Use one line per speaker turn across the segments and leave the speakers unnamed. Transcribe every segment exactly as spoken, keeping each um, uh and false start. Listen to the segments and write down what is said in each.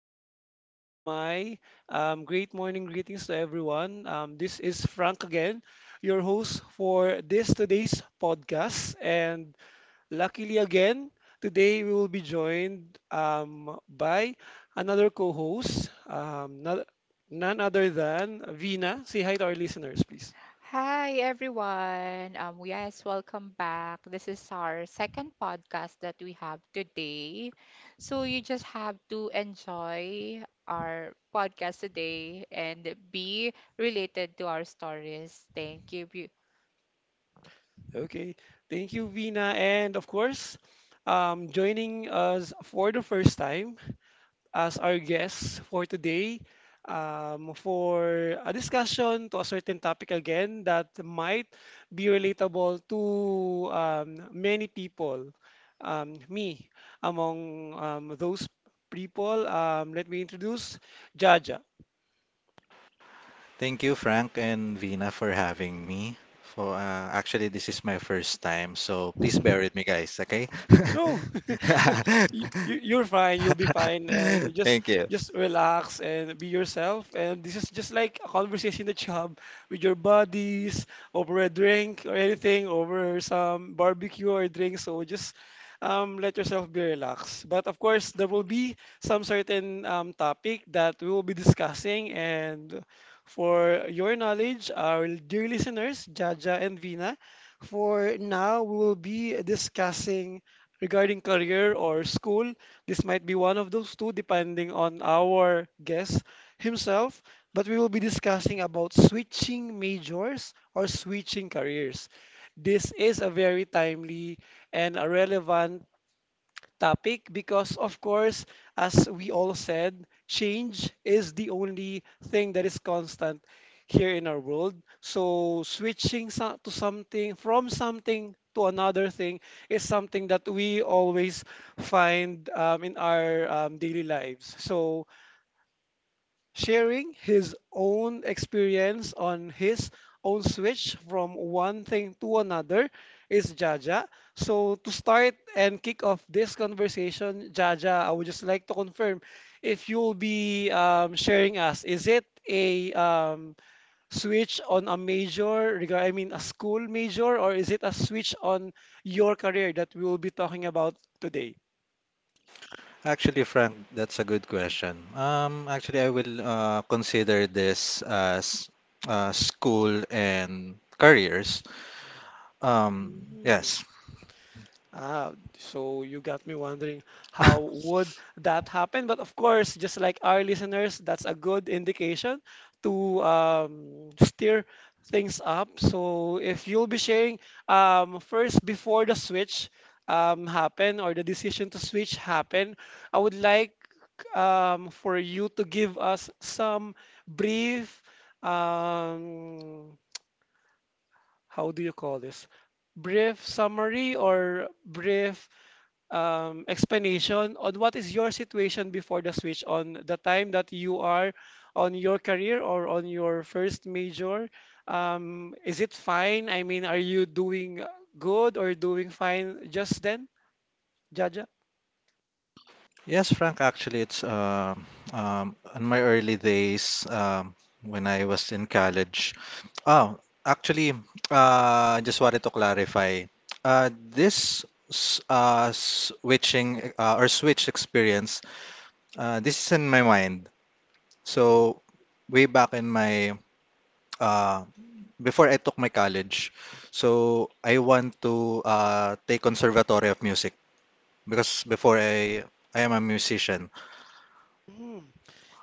like to extend my um, great morning greetings to everyone. Um, this is Frank again, your host for this today's podcast. And luckily, again, today we will be joined um, by another co host, um, no- none other than Vina. Say hi to our listeners, please.
Hi everyone. Um, yes, welcome back. This is our second podcast that we have today. So you just have to enjoy our podcast today and be related to our stories. Thank you. Bu-
Okay. Thank you, Vina. And of course, um, joining us for the first time as our guest for today um, for a discussion to a certain topic again that might be relatable to um, many people, um, me among um, those people. Um, let me introduce Jaja.
Thank you, Frank and Vina, for having me. For uh, Actually, this is my first time, so please bear with me, guys. Okay?
No, you, you- you're fine. You'll be fine, and just
Thank you.
just relax and be yourself. And this is just like a conversation at job with your buddies over a drink or anything, over some barbecue or drink. So just um, let yourself be relaxed. But of course, there will be some certain um, topic that we will be discussing. And for your knowledge, our dear listeners, Jaja and Vina, for now we will be discussing regarding career or school. This might be one of those two, depending on our guest himself. But we will be discussing about switching majors or switching careers. This is a very timely and a relevant topic because, of course, as we all said, change is the only thing that is constant here in our world. So, switching so- to something from something to another thing is something that we always find um, in our um, daily lives. So, sharing his own experience on his own switch from one thing to another is Jaja. So to start and kick off this conversation, Jaja, I would just like to confirm if you'll be um, sharing us, is it a um, switch on a major, rega- I mean a school major, or is it a switch on your career that we will be talking about today?
Actually, Frank, that's a good question. Um, actually, I will uh, consider this as uh, school and careers. Um,
Mm.
yes.
Ah, so you got me wondering how would that happen? But of course, just like our listeners, that's a good indication to um, steer things up. So if you'll be sharing um, first before the switch um, happen or the decision to switch happen, I would like um, for you to give us some brief um, how do you call this? Brief summary or brief um, explanation on what is your situation before the switch, on the time that you are on your career or on your first major. Um, is it fine? I mean, are you doing good or doing fine just then, Jaja?
Yes, Frank, actually, it's um um, in my early days um, when I was in college. Oh, actually, uh, I just wanted to clarify. Uh, this s- uh, switching uh, or switch experience, uh, this is in my mind. So, way back in my uh, before I took my college, so I want to uh, take conservatory of music because before I I am a musician.
Mm,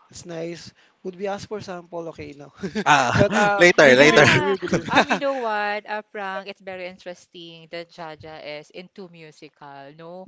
that's nice. Would we ask for sample? Okay, no.
Ah,
But uh, we
later, later.
believe you.
Yeah.
We believe.
Um, you know what, uh, Frank, it's very interesting that Jaja is into musical, no?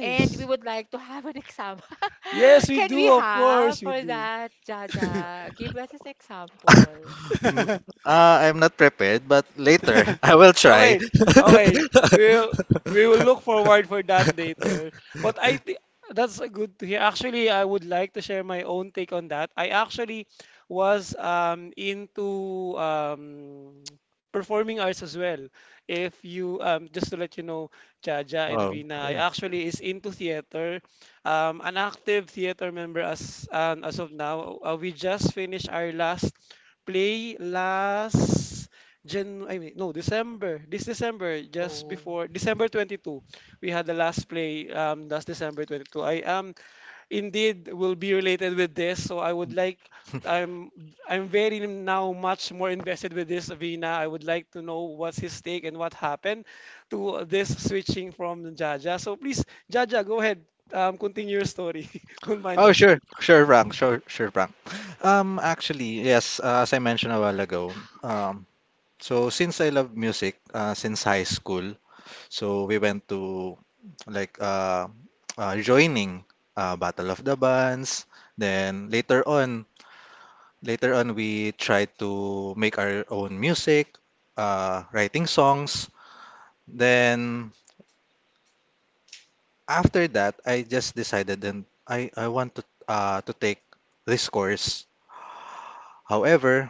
And we would like to have an example.
Yes, we
Can we
do. Of
have
course, we
for
do.
that, Jaja? Give us an example.
Mm, Uh, I'm not prepared, but later I will try.
Okay, okay. We'll we will look forward for that later. What I thi- that's a good to hear. Actually, I would like to share my own take on that. I actually was um into um performing arts as well. If you um just to let you know, Jaja and
Oh,
Vina, I
yeah.
actually is into theater. Um, an active theater member as um, as of now. Uh, we just finished our last play last. Jan, I mean, no, December. This December, just
Oh.
before December twenty-second, we had the last play um last December twenty-second. I am indeed will be related with this, so I would like I'm I'm very now much more invested with this Vina. I would like to know what's his take and what happened to this switching from Jaja. So please, Jaja, go ahead. Um, continue your story. Don't mind
Oh,
us.
sure, sure, Frank, sure, sure, Frank. Um, actually, yes, uh, as I mentioned a while ago, um, so since I love music, uh, since high school, so we went to like uh, uh joining uh Battle of the Bands, then later on later on, we tried to make our own music, uh, writing songs. Then after that, I just decided, then I, I want to uh, to take this course. However,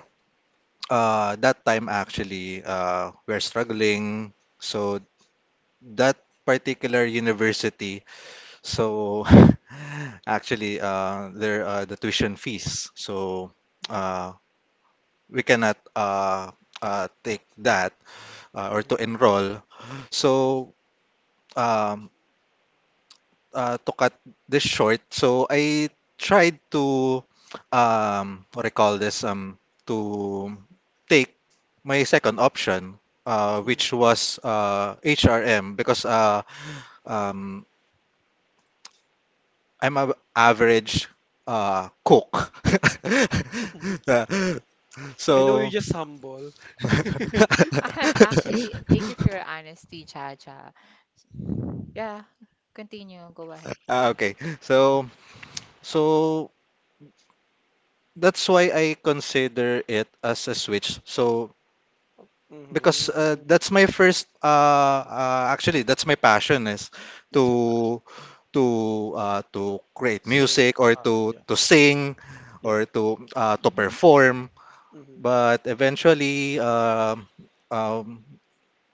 uh, that time actually uh, we're struggling. So that particular university, so actually uh, there are the tuition fees. So uh, we cannot uh, uh, take that. uh, or
Mhm,
to enroll. So, um, uh, to cut this short, so I tried to, um, what I call this, um, to take my second option, uh, which
mhm.
was uh, H R M, because uh, um, I'm a average uh, cook. Uh,
I know you're
so,
just humble.
Actually, th- thank you for your honesty, Jaja. Yeah, continue. Go ahead.
ah, okay. So, so that's why I consider it as a switch. So because uh,
Hmm.
that's my first uh, uh actually that's my passion is
That's your passion.
to to uh, to create
Same.
music or
Uh,
to
yeah,
to sing
yeah.
or to uh, to
Mm-hmm.
perform.
Mm-hmm.
But eventually, um um,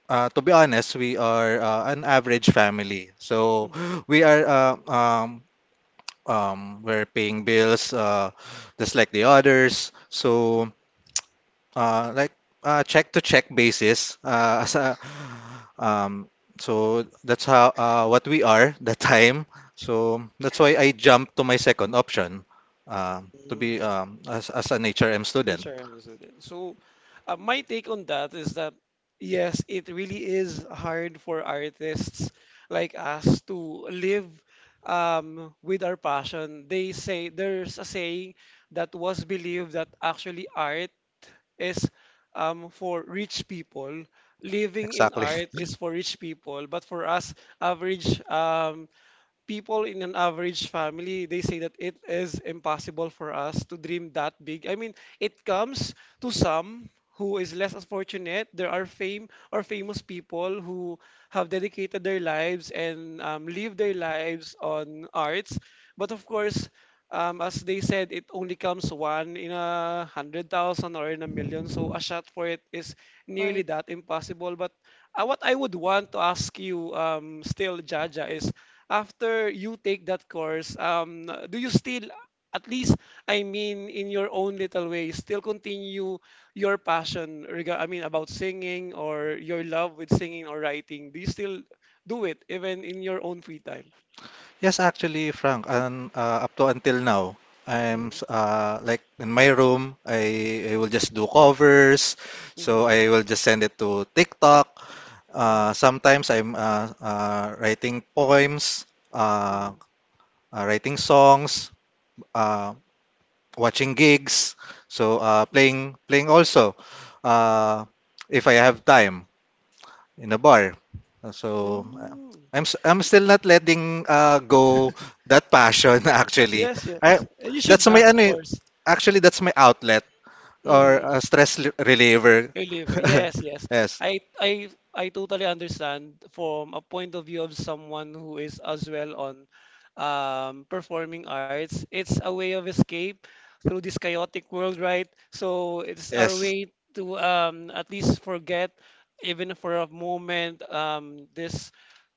uh, to be honest, we are uh, an average family. So we are uh, um, um, we're paying bills uh, just like the others. So, Uh, like uh, check to check basis. Uh, as a- um, so that's how uh, what we are the time. So that's why I jumped to my second option, uh, to be
Mm-hmm.
um, as as an H R M student.
H R M is with it. So, uh, my take on that is that yes, it really is hard for artists like us to live um, with our passion. They say there's a saying that was believed that actually art is um, for rich people. Living in
Exactly.
art is for rich people, but for us average um, people in an average family, they say that it is impossible for us to dream that big. I mean, it comes to some who is less as fortunate. There are fame or famous people who have dedicated their lives and um, live their lives on arts. But of course, um, as they said, it only comes one in a hundred thousand or in a million. So a shot for it is nearly
Hoy.
that impossible. But uh, what I would want to ask you um, still, Jaja, is after you take that course, um, do you still, at least, I mean, in your own little way, still continue your passion, rega- I mean, about singing or your love with singing or writing? Do you still do it even in your own free time?
Yes, actually, Frank. And uh, up to until now, I'm
Mm,
s- uh, like in my room. I, I will just do covers.
mm,
So
mm,
I will just send it to TikTok.
mm,
Uh, sometimes I'm uh, uh, writing poems, uh,
mm,
uh, writing songs, uh, watching gigs, so uh, playing playing also, uh, if I have time in a bar. Uh, So uh,
mm.
I'm s- I'm still not letting uh, go that passion actually.
Yes,
I,
yes. You should
that's my
not, of
ano, eh,
course.
actually that's my outlet
Mm-hmm.
or a stress li- reliever.
Your liver. Yes, yes.
yes,
I I I totally understand from a point of view of someone who is as well on um, performing arts. It's a way of escape through this chaotic world, right? So it's our
yes,
way to um, at least forget, even for a moment, um, this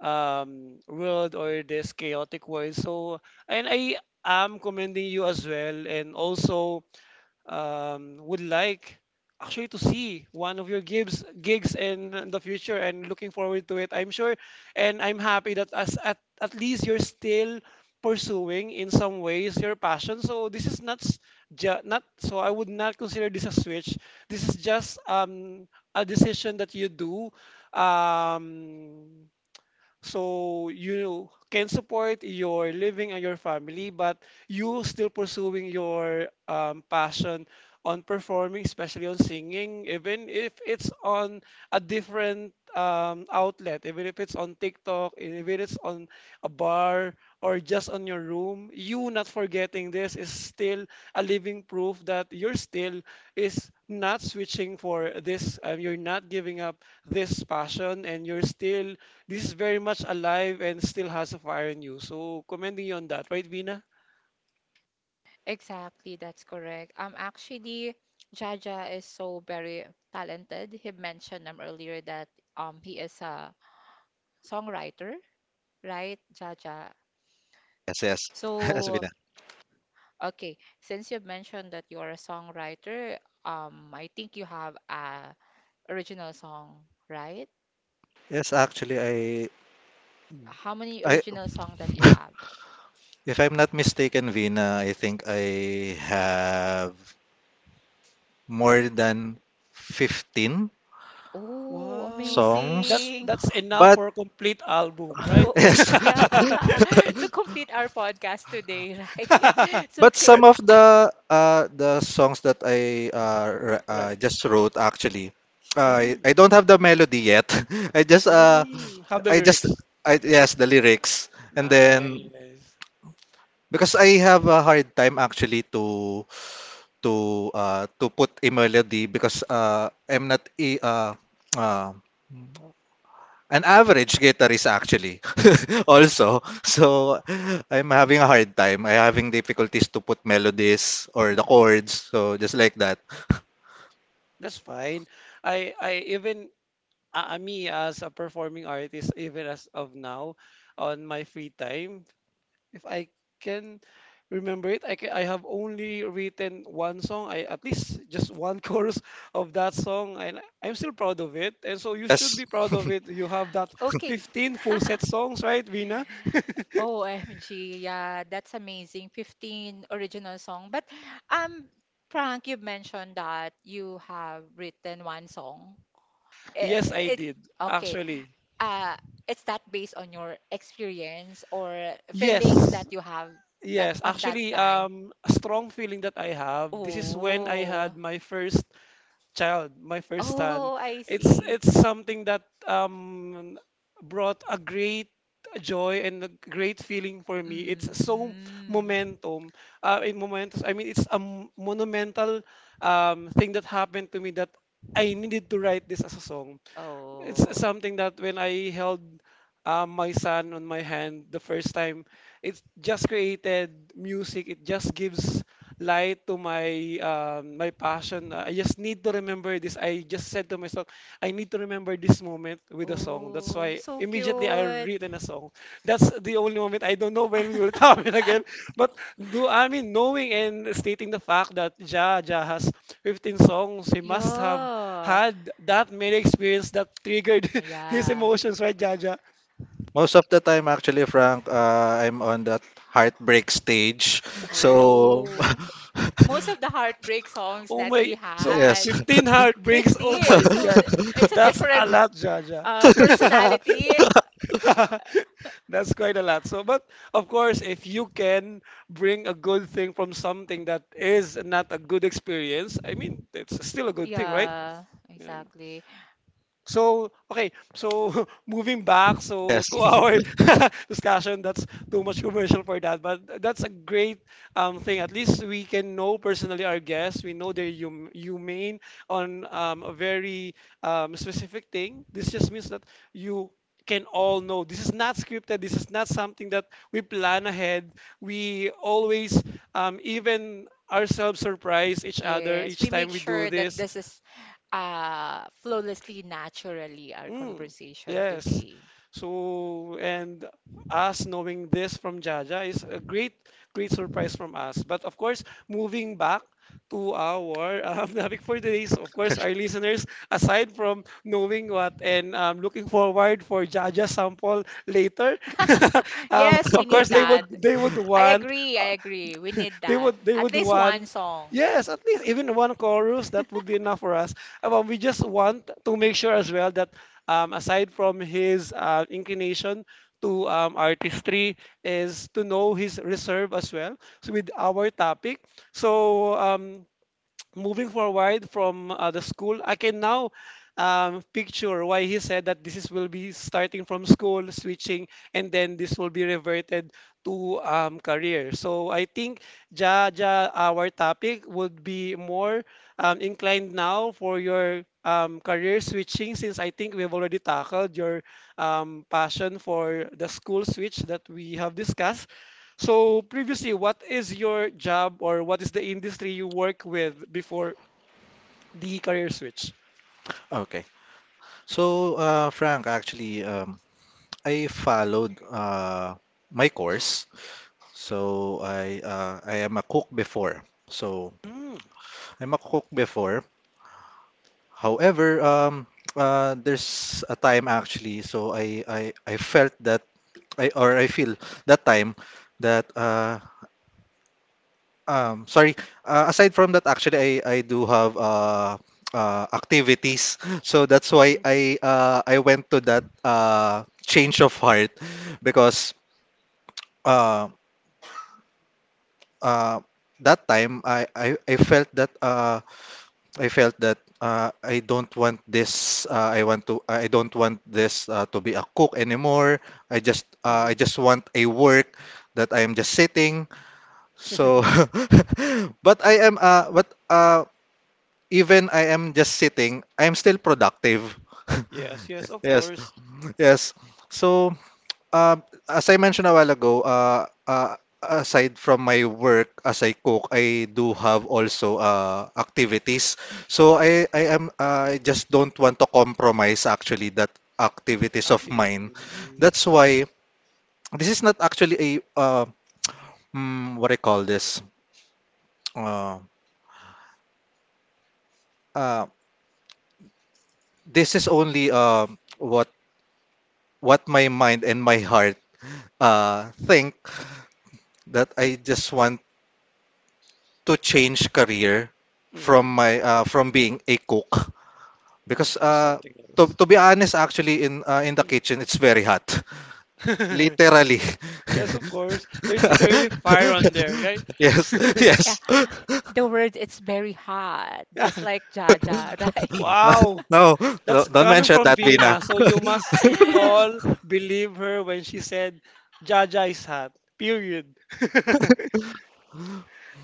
um, world or this chaotic world. So and I am commending you as well, and also um, would like actually to see one of your gigs gigs in the future and looking forward to it. I'm sure and I'm happy that as at, at least you're still pursuing in some ways your passion, so this is not s- ju- not so, I would not consider this a switch. This is just um a decision that you do um so you can support your living and your family, but you still pursuing your um, passion on performing, especially on singing, even if it's on a different um, outlet, even if it's on TikTok, even if it's on a bar or just on your room, you not forgetting, this is still a living proof that you're still is not switching for this, um, you're not giving up this passion and you're still, this is very much alive and still has a fire in you. So commending you on that, right, Vina?
Exactly, that's correct. Um, actually, Jaja is so very talented. He mentioned um earlier that um he is a songwriter, right, Jaja?
yes, yes, yes,
So
Vina.
okay, since you've mentioned that you're a songwriter, um, I think you have a original song, right?
Yes, actually I
How many
I
original song that you have?
If I'm not mistaken, Vina, I think I have more than fifteen
Oh,
Wow. That
songs.
amazing.
that's enough
But
for a complete album, right?
Oh, oh,
yes,
yeah. To complete our podcast today, right? So,
but
okay.
some of the uh, the songs that I uh, r- uh,
Right.
just wrote actually, I
Mm.
I don't have the melody yet. I just uh
Mm. Have the
I just
lyrics.
I yes, the lyrics, and then
Nice.
because I have a hard time actually to to uh, to put a melody because uh, I'm not a uh, uh, an average guitarist actually also, so I'm having a hard time I'm having difficulties to put melodies or the chords, so just like that.
That's fine. I I even uh, uh, me as a performing artist, even as of now, on my free time, if I can remember it, I ca- I have only written one song, I at least just one chorus of that song, and I'm still proud of it. And so you should
Yes,
be proud of it. You have that
Okay.
fifteen full set songs, right, Vina?
O M G, yeah, that's amazing. fifteen original song. But um Frank, you mentioned that you have written one song.
Yes, I
Eh, it,
did,
okay,
actually.
uh, it's that based on your experience or feelings
Yes.
that you have that
Yes,
on that
actually,
time?
um, a strong feeling that I have. This is when I
Oh,
had my first child, my first son,
oh, I
it's
see.
it's something that um brought a great joy and a great feeling for me. It's so
Mm.
momentum, uh, in momentous. I mean, it's a m- monumental um thing that happened to me that I needed to write this as a song. It's
Oh,
something that when I held uh, my son on my hand the first time, it just created music. It just gives light to my um, my passion. Uh, I just need to remember this. I just said to myself, I need to remember this moment with a song song. That's
oh,
why
so
immediately I
cute.
written a song. That's the only moment I don't know when we will happen again. But do I mean knowing and stating the fact that Ja Ja has fifteen songs, he must have
Yeah,
had that many experience that triggered his
yeah.
emotions, right, Ja Ja?
most of the time actually, Frank, uh, I'm on that heartbreak stage. So
Oh. Most of the heartbreak songs
Oh
that he
my, so
yes.
had.
fifteen heartbreaks. Oh my
fifteen. So
God,
th- it's a
that's a
different
lot, Ja Ja.
uh, personality.
That's quite a lot. So, but of course, if you can bring a good thing from something that is not a good experience, I mean, it's still a good thing, right?
Yeah,
Yeah.
exactly.
So, okay. So, moving back, so
Yes.
to our discussion, that's too much commercial for that, but that's a great um, thing. At least we can know personally our guests. We know they're hum humane on um, a very um, specific thing. This just means that you can all know. This is not scripted. This is not something that we plan ahead. We always um, even ourselves surprise each other
Yes,
each
we
time
make
we do
sure that
this.
this is uh, flawlessly, naturally our
Mm,
conversation
yes.
today.
So, and us knowing this from Jaja is a great, great surprise from us. But of course, moving back to our um, topic for today's, of course, our listeners, aside from knowing what and um, looking forward for Jaja sample later, um,
Yes, we
of course,
need
they
that.
would they would
I
want
agree. I
uh,
agree. We need
they
that.
would they
At
would
least
want
one song.
yes, at least even one chorus that would be enough for us. Uh, but we just want to make sure as well that um, aside from his uh, inclination to um, artistry is to know his reserve as well, so with our topic. so um, Moving forward from uh, the school, I can now um, picture why he said that this is, will be starting from school, switching, and then this will be reverted to um, career. So I think, ja, ja, our topic would be more um, inclined now for your um, career switching, since I think we've already tackled your um, passion for the school switch that we have discussed. So previously, what is your job or what is the industry you work with before the career switch?
Okay. So, uh, Frank, actually, um, I followed uh, my course. So I uh, I am a cook before. So
Mm,
I'm a cook before. However, um, uh, there's a time actually. So I I, I felt that I or I feel that time that uh, um sorry. Uh, aside from that, actually I I do have uh, uh, activities. So that's why
mhm,
I uh, I went to that uh, change of heart, because. Uh, uh, that time I, I, I felt that uh, I felt that uh, I don't want this uh, I want to I don't want this, uh, to be a cook anymore. I just uh, I
mhm.
just want a work that I am just sitting. So but I am uh, but uh, even I am just sitting, I am still productive.
Yes, yes, of
Yes.
course.
Yes. So, um, as I mentioned a while ago, uh, uh, aside from my work as I cook, I do have also uh, activities. So I, I am I just don't want to compromise actually that activities of mine.
Activities.
That's why this is not actually a, uh, mm, what I call this. Uh, uh, this is only uh, what what my mind and my heart uh, think that I just want to change career from
Mm,
my uh, from being a cook
mm,
because,
to
uh,
something
to,
else.
to be honest, actually, in uh, in the
Mm.
kitchen it's very hot. Literally.
Yes, of course. There's literally fire on there, right?
Yes.
Yeah,
Yes.
the word it's very hot,
Yeah.
just like Jaja, right?
Wow.
No, no,
That's
don't
coming
mention
from
that, Vina.
Vina. So you must all believe her when she said Jaja is hot. Period.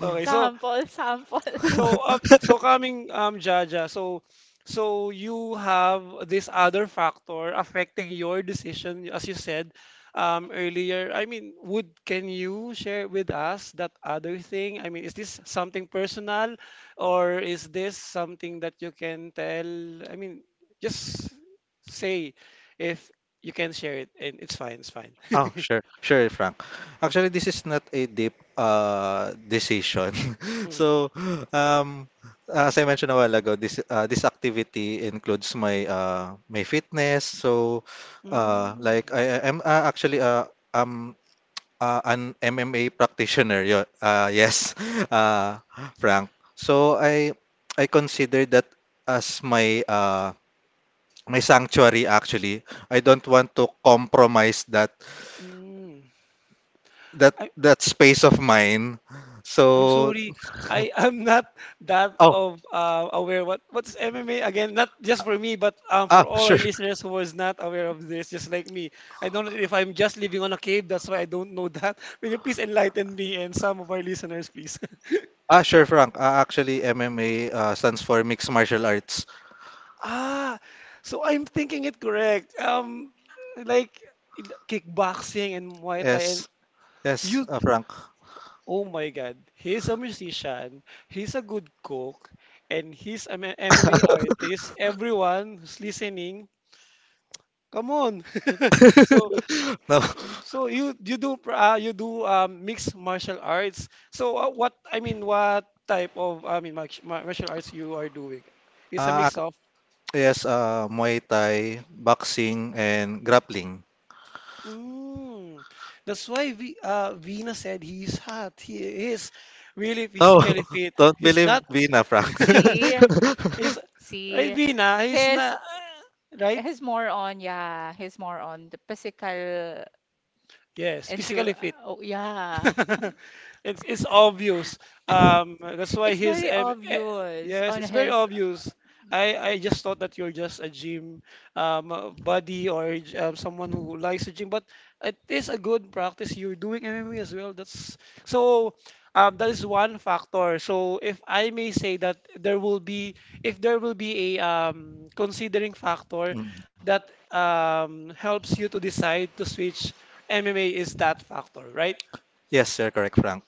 Okay, so.
Sample, sample joke.
So, um, so coming, um, Jaja, so, so you have this other factor affecting your decision, as you said, um, earlier. I mean, would, can you share with us that other thing? I mean, is this something personal, or is this something that you can tell? I mean, just say if you can share it, and it's fine, it's fine.
Oh, sure. Sure, Frank. Actually, this is not a deep uh decision.
Mm.
So, um as I mentioned a while ago, this uh, this activity includes my uh my fitness. So, uh like
Mm.
I am uh, actually uh um uh, an M M A practitioner. Yo, uh yes. Uh Frank. So, I I consider that as my uh my sanctuary, actually. I don't want to compromise that
Mm.
that
I,
that space of mine.
I'm
So
sorry. I am not that
oh,
of uh, aware what what's M M A again. Not just for me, but um,
ah,
for all our
sure,
listeners who was not aware of this, just like me. I don't know if I'm just living on a cave. That's why I don't know that. Will you please enlighten me and some of our listeners, please?
ah, sure, Frank. Ah, actually, M M A uh, stands for mixed martial arts.
Ah, so I'm thinking it correct. Um, like kickboxing and Muay Thai, and
Yes, yes,
you.
uh, Frank.
Oh my God, he's a musician, he's a good cook, and he's an M M A artist. Everyone who's listening, come on. So,
No.
so you you do pra- uh, you do um, mixed martial arts. So uh, what I mean, what type of I mean march- mar- martial arts you are doing? It's a
ah
mix
ac-
of.
yes. uh, Muay Thai, boxing, and grappling.
Mm, that's why we uh, Vina said he's hot. He is really
No,
physically fit.
don't
He's
believe
not.
Vina, Frank.
See,
He's
see,
Vina, he's
he's
not, right.
he's more on yeah, he's more on the physical
Yes, physically
endure.
fit.
Oh yeah,
It's it's obvious. Um, that's why
it's
he's
very
um, eh,
obvious
yes,
on
it's very
his.
obvious. I I just thought that you're just a gym um uh, buddy or j- um, someone who likes to gym, but it is a good practice. You're doing M M A as well. That's so. Um, that is one factor. So if I may say that there will be, if there will be a um considering factor
Mm.
that um helps you to decide to switch, M M A is that factor, right?
Yes, you're correct, Frank.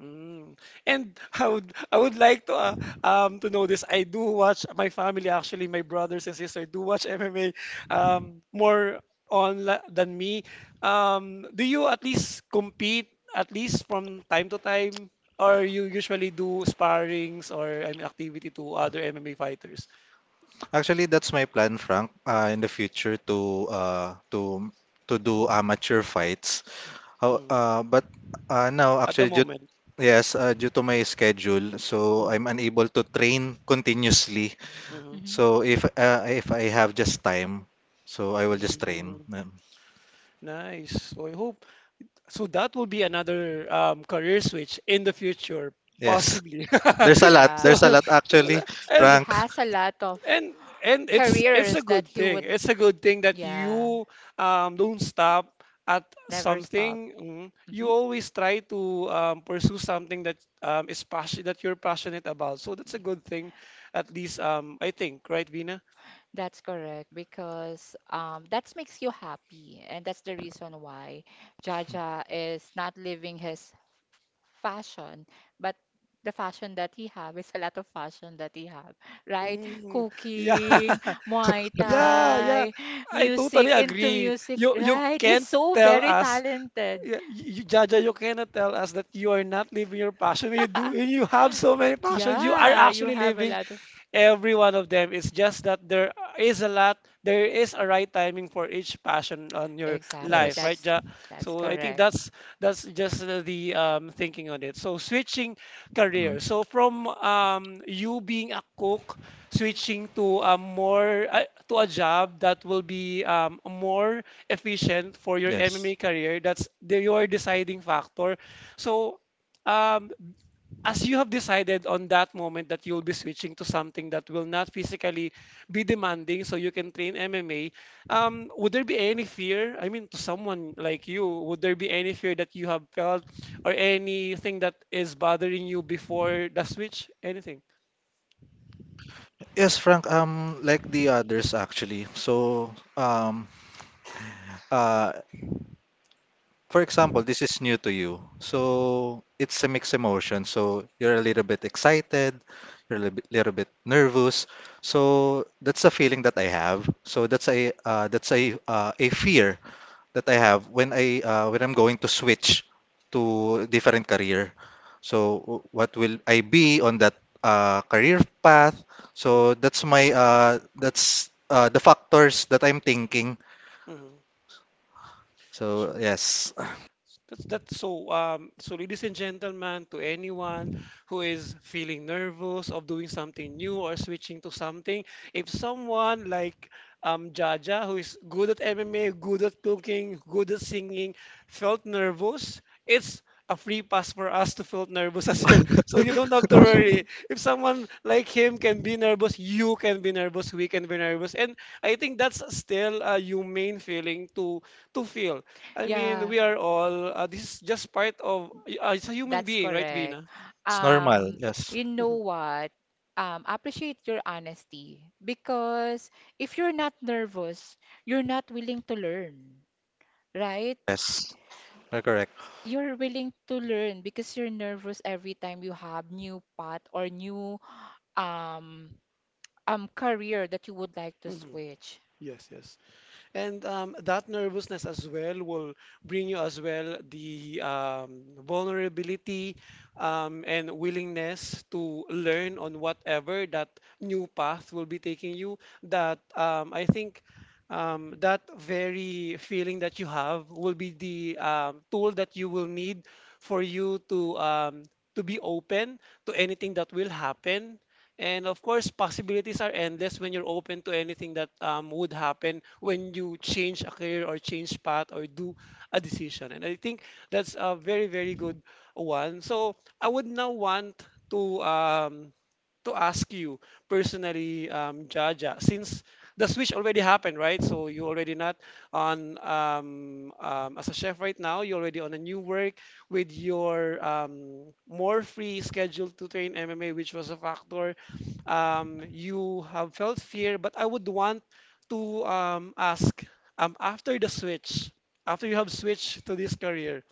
Mm. And I would I would like to uh, um to know this. I do watch my family actually, my brothers and sister do watch M M A um more on la- than me. Um, do you at least compete at least from time to time, or you usually do sparrings or I mean activity to other M M A fighters?
Actually, that's my plan, Frank, uh, in the future, to uh, to to do amateur fights. How,
Mm.
uh, but uh, now,
At the
actually, due,
moment.
yes, uh, due to my schedule, so
Mm-hmm.
I'm unable to train continuously.
Mm-hmm.
Mhm.
So if uh, if I have just time, so I will just train.
Mm.
Um,
Nice. So I hope. So that will be another um, career switch in the future,
yes,
possibly.
there's a lot.
So,
There's a
Yeah,
lot, actually,
he
and
Frank.
has a lot of
and and it's it's a
careers that
good
he
thing.
would
It's a good thing that
yeah
you um, don't stop at
never
something.
stop.
Mm.
Mhm.
You always try to um, pursue something that um, is passion that you're passionate about. So that's a good thing, at least um, I think, right, Vina?
That's correct because um, that makes you happy, and that's the reason why Jaja is not living his fashion, but the fashion that he have is a lot of fashion that he have, right?
Mm, yeah,
Cooking, Muay
yeah, yeah.
Thai,
I totally
music, into
agree.
music,
You you
right? He's
can't
so
tell
very
us.
talented.
Yeah, you, Jaja, you cannot tell us that you are not living your passion. You do, and you have so many passions. You are
Yeah, you
actually
have a
living
lot of
every one of them. It's just that there is a lot, there is a right timing for each passion on your
exactly.
life, right,
Yes.
That's
Ja?
that's
So I think
correct.
that's that's just the the, um, thinking on it. So switching
Mm.
career. So from um, you being a cook, switching to a more uh, to a job that will be um, more efficient for your
Yes.
M M A career. That's the, your deciding factor. So um, as you have decided on that moment that you'll be switching to something that will not physically be demanding so you can train M M A, um, would there be any fear? I mean, to someone like you, would there be any fear that you have felt or anything that is bothering you before the switch? Anything?
Yes, Frank. Um, like the others, actually. So, um, uh, for example, this is new to you. So it's a mixed emotion. So you're a little bit excited, you're a little bit, little bit nervous. So that's a feeling that I have. So that's a uh, that's a uh, a fear that I have when I uh, when I'm going to switch to different career. So w- what will I be on that uh, career path? So
Mm-hmm.
that's my uh, that's uh, the factors that I'm thinking.
Mm-hmm.
So, yes,
That's that's so um so, ladies and gentlemen, to anyone who is feeling nervous of doing something new or switching to something, if someone like um Jaja, who is good at M M A, good at cooking, good at singing, felt nervous, it's a free pass for us to feel nervous as well. So you don't have to worry. If someone like him can be nervous, you can be nervous, we can be nervous, and I think that's still a humane feeling, to to feel. I mean,
Yeah.
we are all, uh, this is just part of, uh, it's a human
That's
being, right,
correct.
Vina?
it's normal.
Um,
Yes,
you know what? Um, appreciate your honesty because if you're not nervous, you're not willing to learn, right?
yes. Correct, correct.
You're willing to learn because you're nervous every time you have new path or new um um career that you would like to
Mhm.
switch.
Yes, yes. And um, that nervousness as well will bring you as well the um, vulnerability um, and willingness to learn on whatever that new path will be taking you. That um, I think um, that very feeling that you have will be the um, tool that you will need for you to um, to be open to anything that will happen, and of course, possibilities are endless when you're open to anything that um, would happen when you change a career or change path or do a decision. And I think that's a very, very good one. So I would now want to um, to ask you personally, um, Jaja, since the switch already happened, right? So you already not on um, um, as a chef right now. You're already on a new work with your um, more free schedule to train M M A, which was a factor um, you have felt fear, but I would want to um, ask um, after the switch, after you have switched to this career,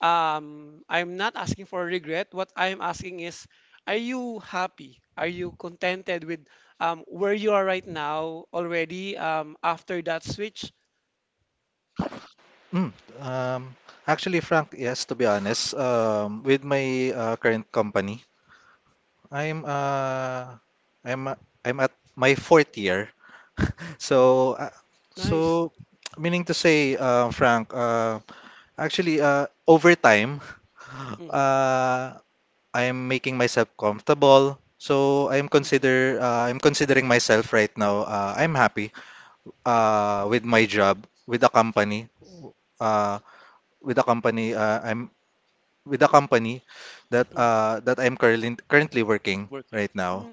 um, I'm not asking for regret. What I'm asking is, are you happy? Are you contented with um, where you are right now already um, after that switch?
Mm, um, Actually, Frank, yes, to be honest, um, with my uh, current company, I'm uh, I'm uh, I'm at my fourth year. So, uh,
Nice.
so meaning to say, uh, Frank, uh, actually, uh, over time,
Mhm,
uh, I'm making myself comfortable. So I'm
mhm,
consider uh, I'm considering myself right now. Uh, I'm happy uh, with my job, with the company. Uh, with the company uh, I'm with the company that
mhm.
uh that I'm currently currently working
Working.
right now.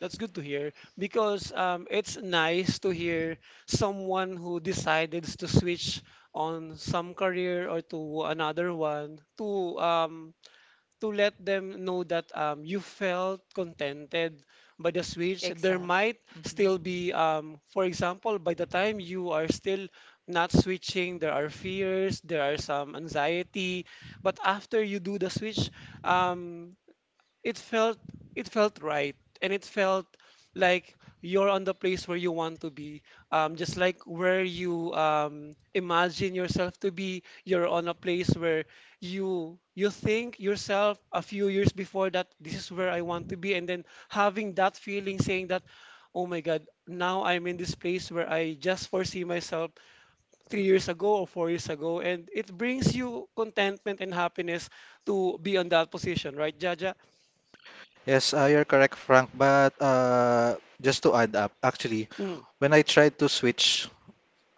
That's good to hear because um, it's nice to hear someone who decided to switch on some career or to another one to um, to let them know that um, you felt contented by the switch. There
Exactly.
might
Mhm.
still be, um, for example, by the time you are still not switching, there are fears, there are some anxiety, but after you do the switch, um, it felt, it felt right, and it felt like you're on the place where you want to be, um, just like where you um, imagine yourself to be. You're on a place where you you think yourself a few years before that this is where I want to be, and then having that feeling, saying that, oh my God, now I'm in this place where I just foresee myself three years ago or four years ago, and it brings you contentment and happiness to be on that position, right, Jaja?
Yes, uh, you're correct, Frank. But uh, just to add up, actually,
Mm.
when I tried to switch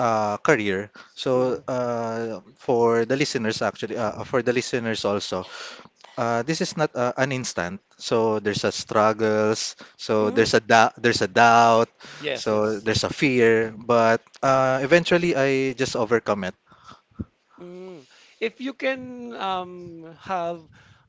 uh, career, so
Hmm,
uh, for the listeners actually, uh, for the listeners, also, uh, this is not uh, an instant. So there's a struggles. So
hmm.
there's a da- there's a doubt.
Yes,
So
yes.
there's a fear. But uh, eventually, I just overcome it.
Mm. If you can um, have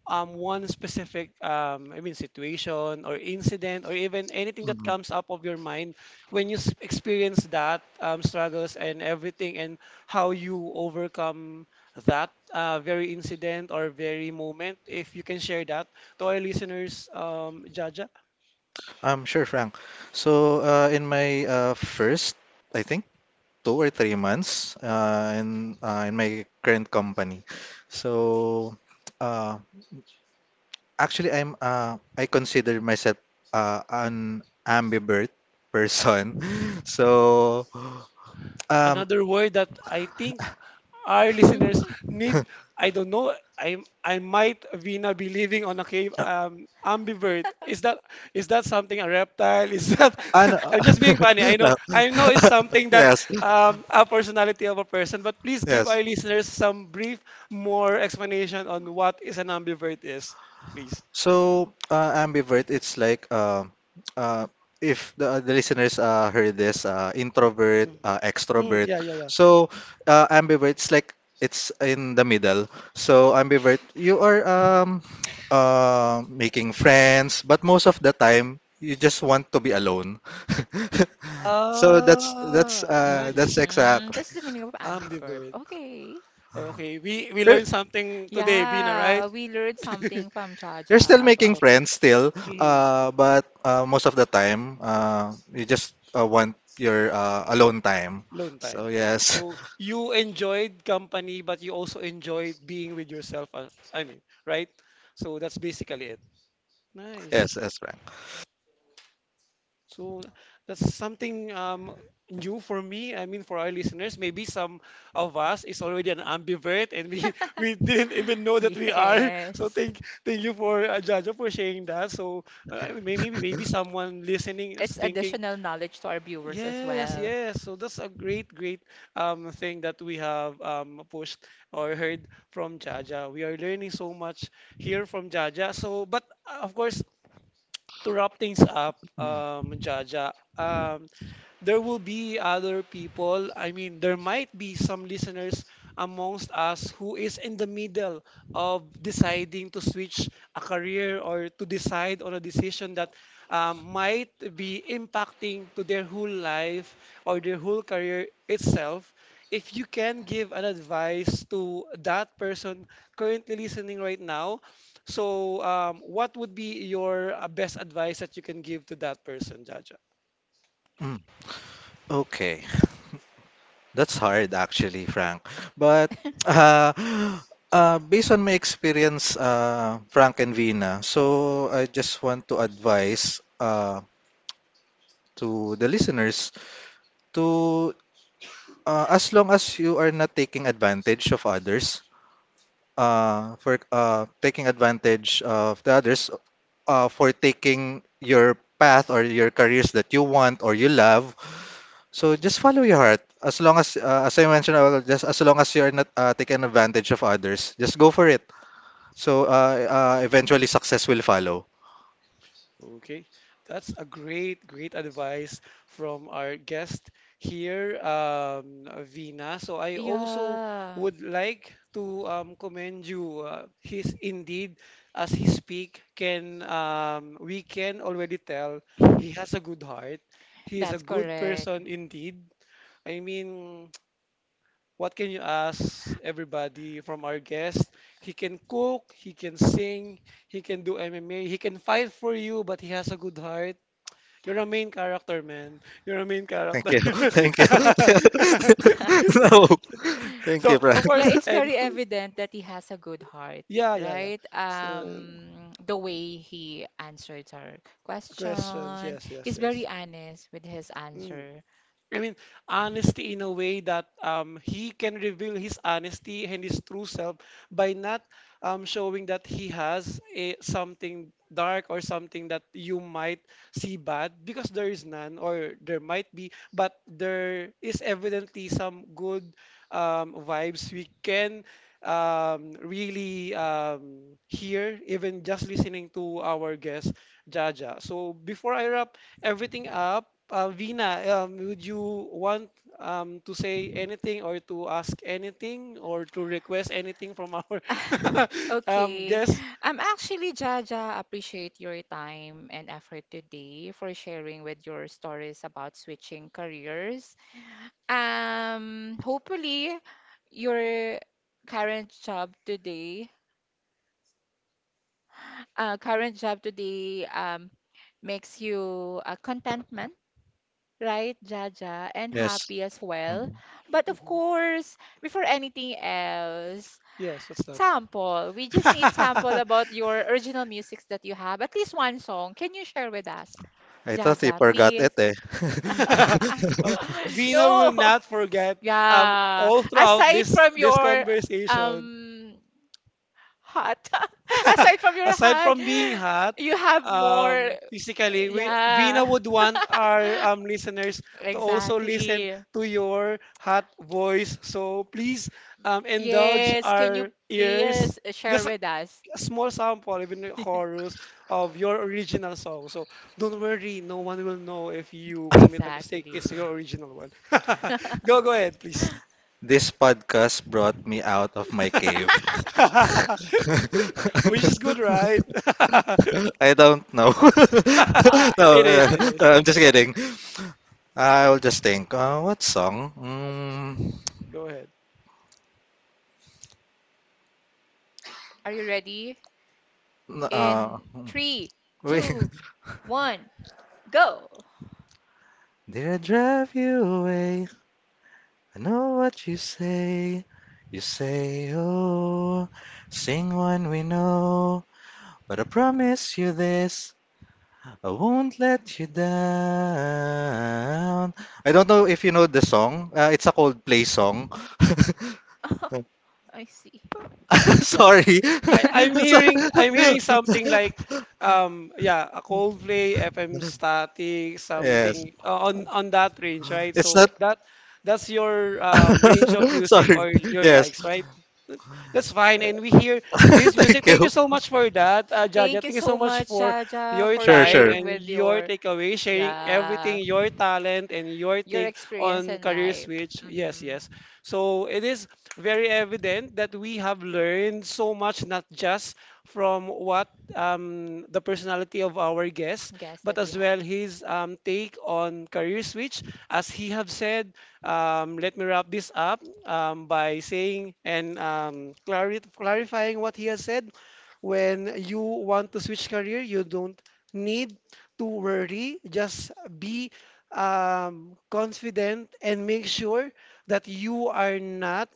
um, one specific, um, I mean, situation or incident or even anything that
Mm-hmm.
comes up of your mind when you s- experience that um, struggles and everything, and how you overcome that uh, very incident or very moment, if you can share that to our listeners, um, Jaja.
Um, sure, Frank. So, uh, in my uh, first, I think, two or three months uh, in uh, in my current company, so uh, actually, I'm uh, I consider myself uh, an ambivert person. So, um,
Another word that I think our listeners need. I don't know, I I might, Vina, be living on a cave. Um, ambivert, is that, is that something, a reptile, is that?
an,
I'm just being funny. I know,
no.
I know it's something that
yes,
um a personality of a person, but please give
yes.
our listeners some brief, more explanation on what is an ambivert is, please.
So, uh, ambivert, it's like um uh, if the, uh, the listeners uh, heard this, uh, introvert,
Mm,
uh,
mm,
extrovert.
yeah yeah yeah.
So, uh, ambivert, it's like, it's in the middle. So, ambivert, you are um,
Mm.
uh, making friends, but most of the time, you just want to be alone. So that's that's
Ah,
uh that's
nice.
Mm,
exactly.
that's the meaning of ambiverb.
Ambivert.
Okay.
Okay, we we learned something today, Vina, right?
Yeah, we learned something from
You're still
Jajab.
making
Um,
friends, still,
mm.
uh, but uh, most of the time, uh, you just uh, want your uh, alone time.
Alone time.
So yes,
So you enjoyed company, but you also enjoyed being with yourself. uh, I mean, right? So that's basically it.
yes,
Nice.
yes, Frank.
So that's something um, new for me. I mean, for our listeners, maybe some of us is already an ambivert, and we we didn't even know that we are. So
Yes.
thank, thank you for uh, Jaja for sharing that. So uh, maybe maybe someone listening is
It's
thinking.
additional knowledge to our viewers as
Yes,
well.
yes. So that's a great, great um thing that we have um pushed or heard from Jaja. We are learning so much here from Jaja. So, but uh, of course, to wrap things up, um, Jaja, um, there will be other people. I mean, there might be some listeners amongst us who is in the middle of deciding to switch a career or to decide on a decision that um, might be impacting to their whole life or their whole career itself. If you can give an advice to that person currently listening right now, so, um, what would be your uh, best advice that you can give to that person, Jaja?
Mm, okay, that's hard actually, Frank. But uh, uh, based on my experience, uh, Frank and Vina, so I just want to advise uh, to the listeners, to uh, as long as you are not taking advantage of others, uh, for uh, taking advantage of the others, uh, for taking your path or your careers that you want or you love. So
Mhm.
just follow your heart. As long as, uh, as I mentioned, uh, just as long as you're not uh, taking advantage of others, just go for it. So uh, uh, eventually, success will follow.
Okay, that's a great, great advice from our guest here, um, uh, Vina. So, I also
Yeah,
would like to um, commend you. Uh, he's indeed, as he speak, can um, we can already tell he has a good heart. He is a
that's
good
correct.
person indeed. I mean, what can you ask everybody from our guest? He can cook, he can sing, he can do M M A, he can fight for you, but he has a good heart. You're a main character, man. You're a main
Thank
character.
you. Thank you. No. Thank
So,
you, Frank.
of
Yeah,
course,
it's
and
very
to,
evident that he has a good heart,
yeah, yeah, yeah.
right?
So,
Um, the way he answered our
questions,
question,
yes, yes,
he's
yes.
very honest with his
Mm.
answer.
I mean, honesty in a way that um, he can reveal his honesty and his true self by not um, showing that he has a, something dark or something that you might see bad because there is none or there might be, but there is evidently some good um, vibes we can um, really um, hear even just listening to our guest Jaja. So before I wrap everything up. Uh, Vina, um, would you want um, to say anything or to ask anything or to request anything from our um,
Okay.
guest?
I'm actually, Jaja, appreciate your time and effort today for sharing with your stories about switching careers. Um, hopefully your current job today, uh, current job today, um, makes you uh, contentment, right, Jaja, and
Yes.
happy as well.
Mhm.
But of
Mhm.
course, before anything else,
Yes, what's that?
sample. We just need sample about your original musics that you have. At least one song. Can you share with us?
I thought you
Jaja,
forgot
please.
it, eh.
Okay. Vina will
No.
not forget um,
Yeah.
all throughout
Aside
this
from
this
your
conversation.
um heart, aside from your
Aside
heart,
from being hot,
you have more.
um, physically, we Vina
Yeah.
would want our um, listeners to also listen
Exactly.
to your hot voice. So please um, indulge
Yes. Can you
our ears.
please share
Just a,
with us?
a small sample, even a chorus of your original song. So don't worry, no one will know if you commit a mistake. It's
Exactly.
your original one. Go, go ahead, please.
This podcast brought me out of my cave.
Which is good, right?
I don't know.
Huh.
no,
It is,
uh,
it is.
no, I'm just kidding. I'll just think. Uh, what song? Mm,
Go ahead.
Are you ready?
n- uh,
In
mm,
three,
Wait.
two, one, go.
Did I drive you away? I know what you say. You say, "Oh, sing one we know." But I promise you this. I won't let you down. I don't know if you know the song. Uh, it's a Coldplay song.
I see.
Yeah,
Sorry.
I, I'm
So-
hearing I'm hearing something like um yeah a Coldplay, F M Static,
yes.
something uh, on on that range, right?
It's
So
not.
that that's your um, range of music
Sorry.
or your
Yes.
likes, right? Th- That's fine, and we hear his music.
Thank
Thank
you.
you so much for that, uh, Jaja.
Thank you
Thank you so
so
much
much,
for
Jaja,
your
for
Sure,
time
sure.
sharing
and
with
your
your
takeaway, sharing everything,
yeah
your talent and your
your
take
experience
on
in
career
life.
switch. Yes, yes.
Mm-hmm.
So it is very evident that we have learned so much, not just from what um, the personality of our guest,
Guess
but
that
as
we have.
well his um, take on career switch. As he have said, um, let me wrap this up um, by saying and um, clari clarifying what he has said. When you want to switch career, you don't need to worry. Just be um, confident and make sure that you are not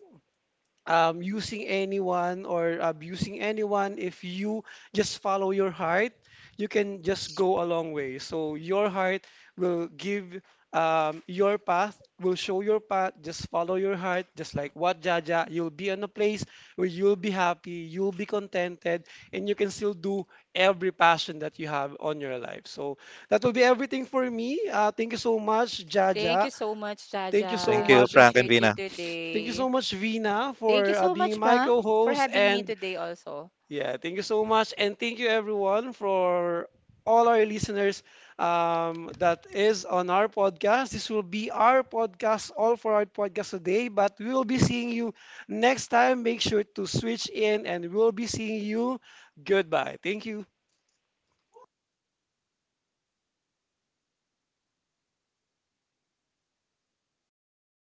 um, using anyone or abusing anyone, if you just follow your heart, you can just go a long way. So your heart will give um, your path, will show your path. Just follow your heart, just like what Jaja, you'll be in a place where you'll be happy, you'll be contented, and you can still do every passion that you have on your life. So that will be everything for me. Uh, thank you so much,
Thank
Jaja.
you so much,
Thank you
Thank
so
Jaja.
you,
much,
Frank and
Appreciate
Vina.
you
thank you
today.
so much, Vina,
Thank
for
you
uh,
so
being
much,
my
Frank, for
co-host.
having me
And
today also.
yeah, thank you so much. And thank you, everyone, for all our listeners um, that is on our podcast. This will be our podcast, all for our podcast today. But we will be seeing you next time. Make sure to switch in, and we'll be seeing you. Goodbye. Thank you.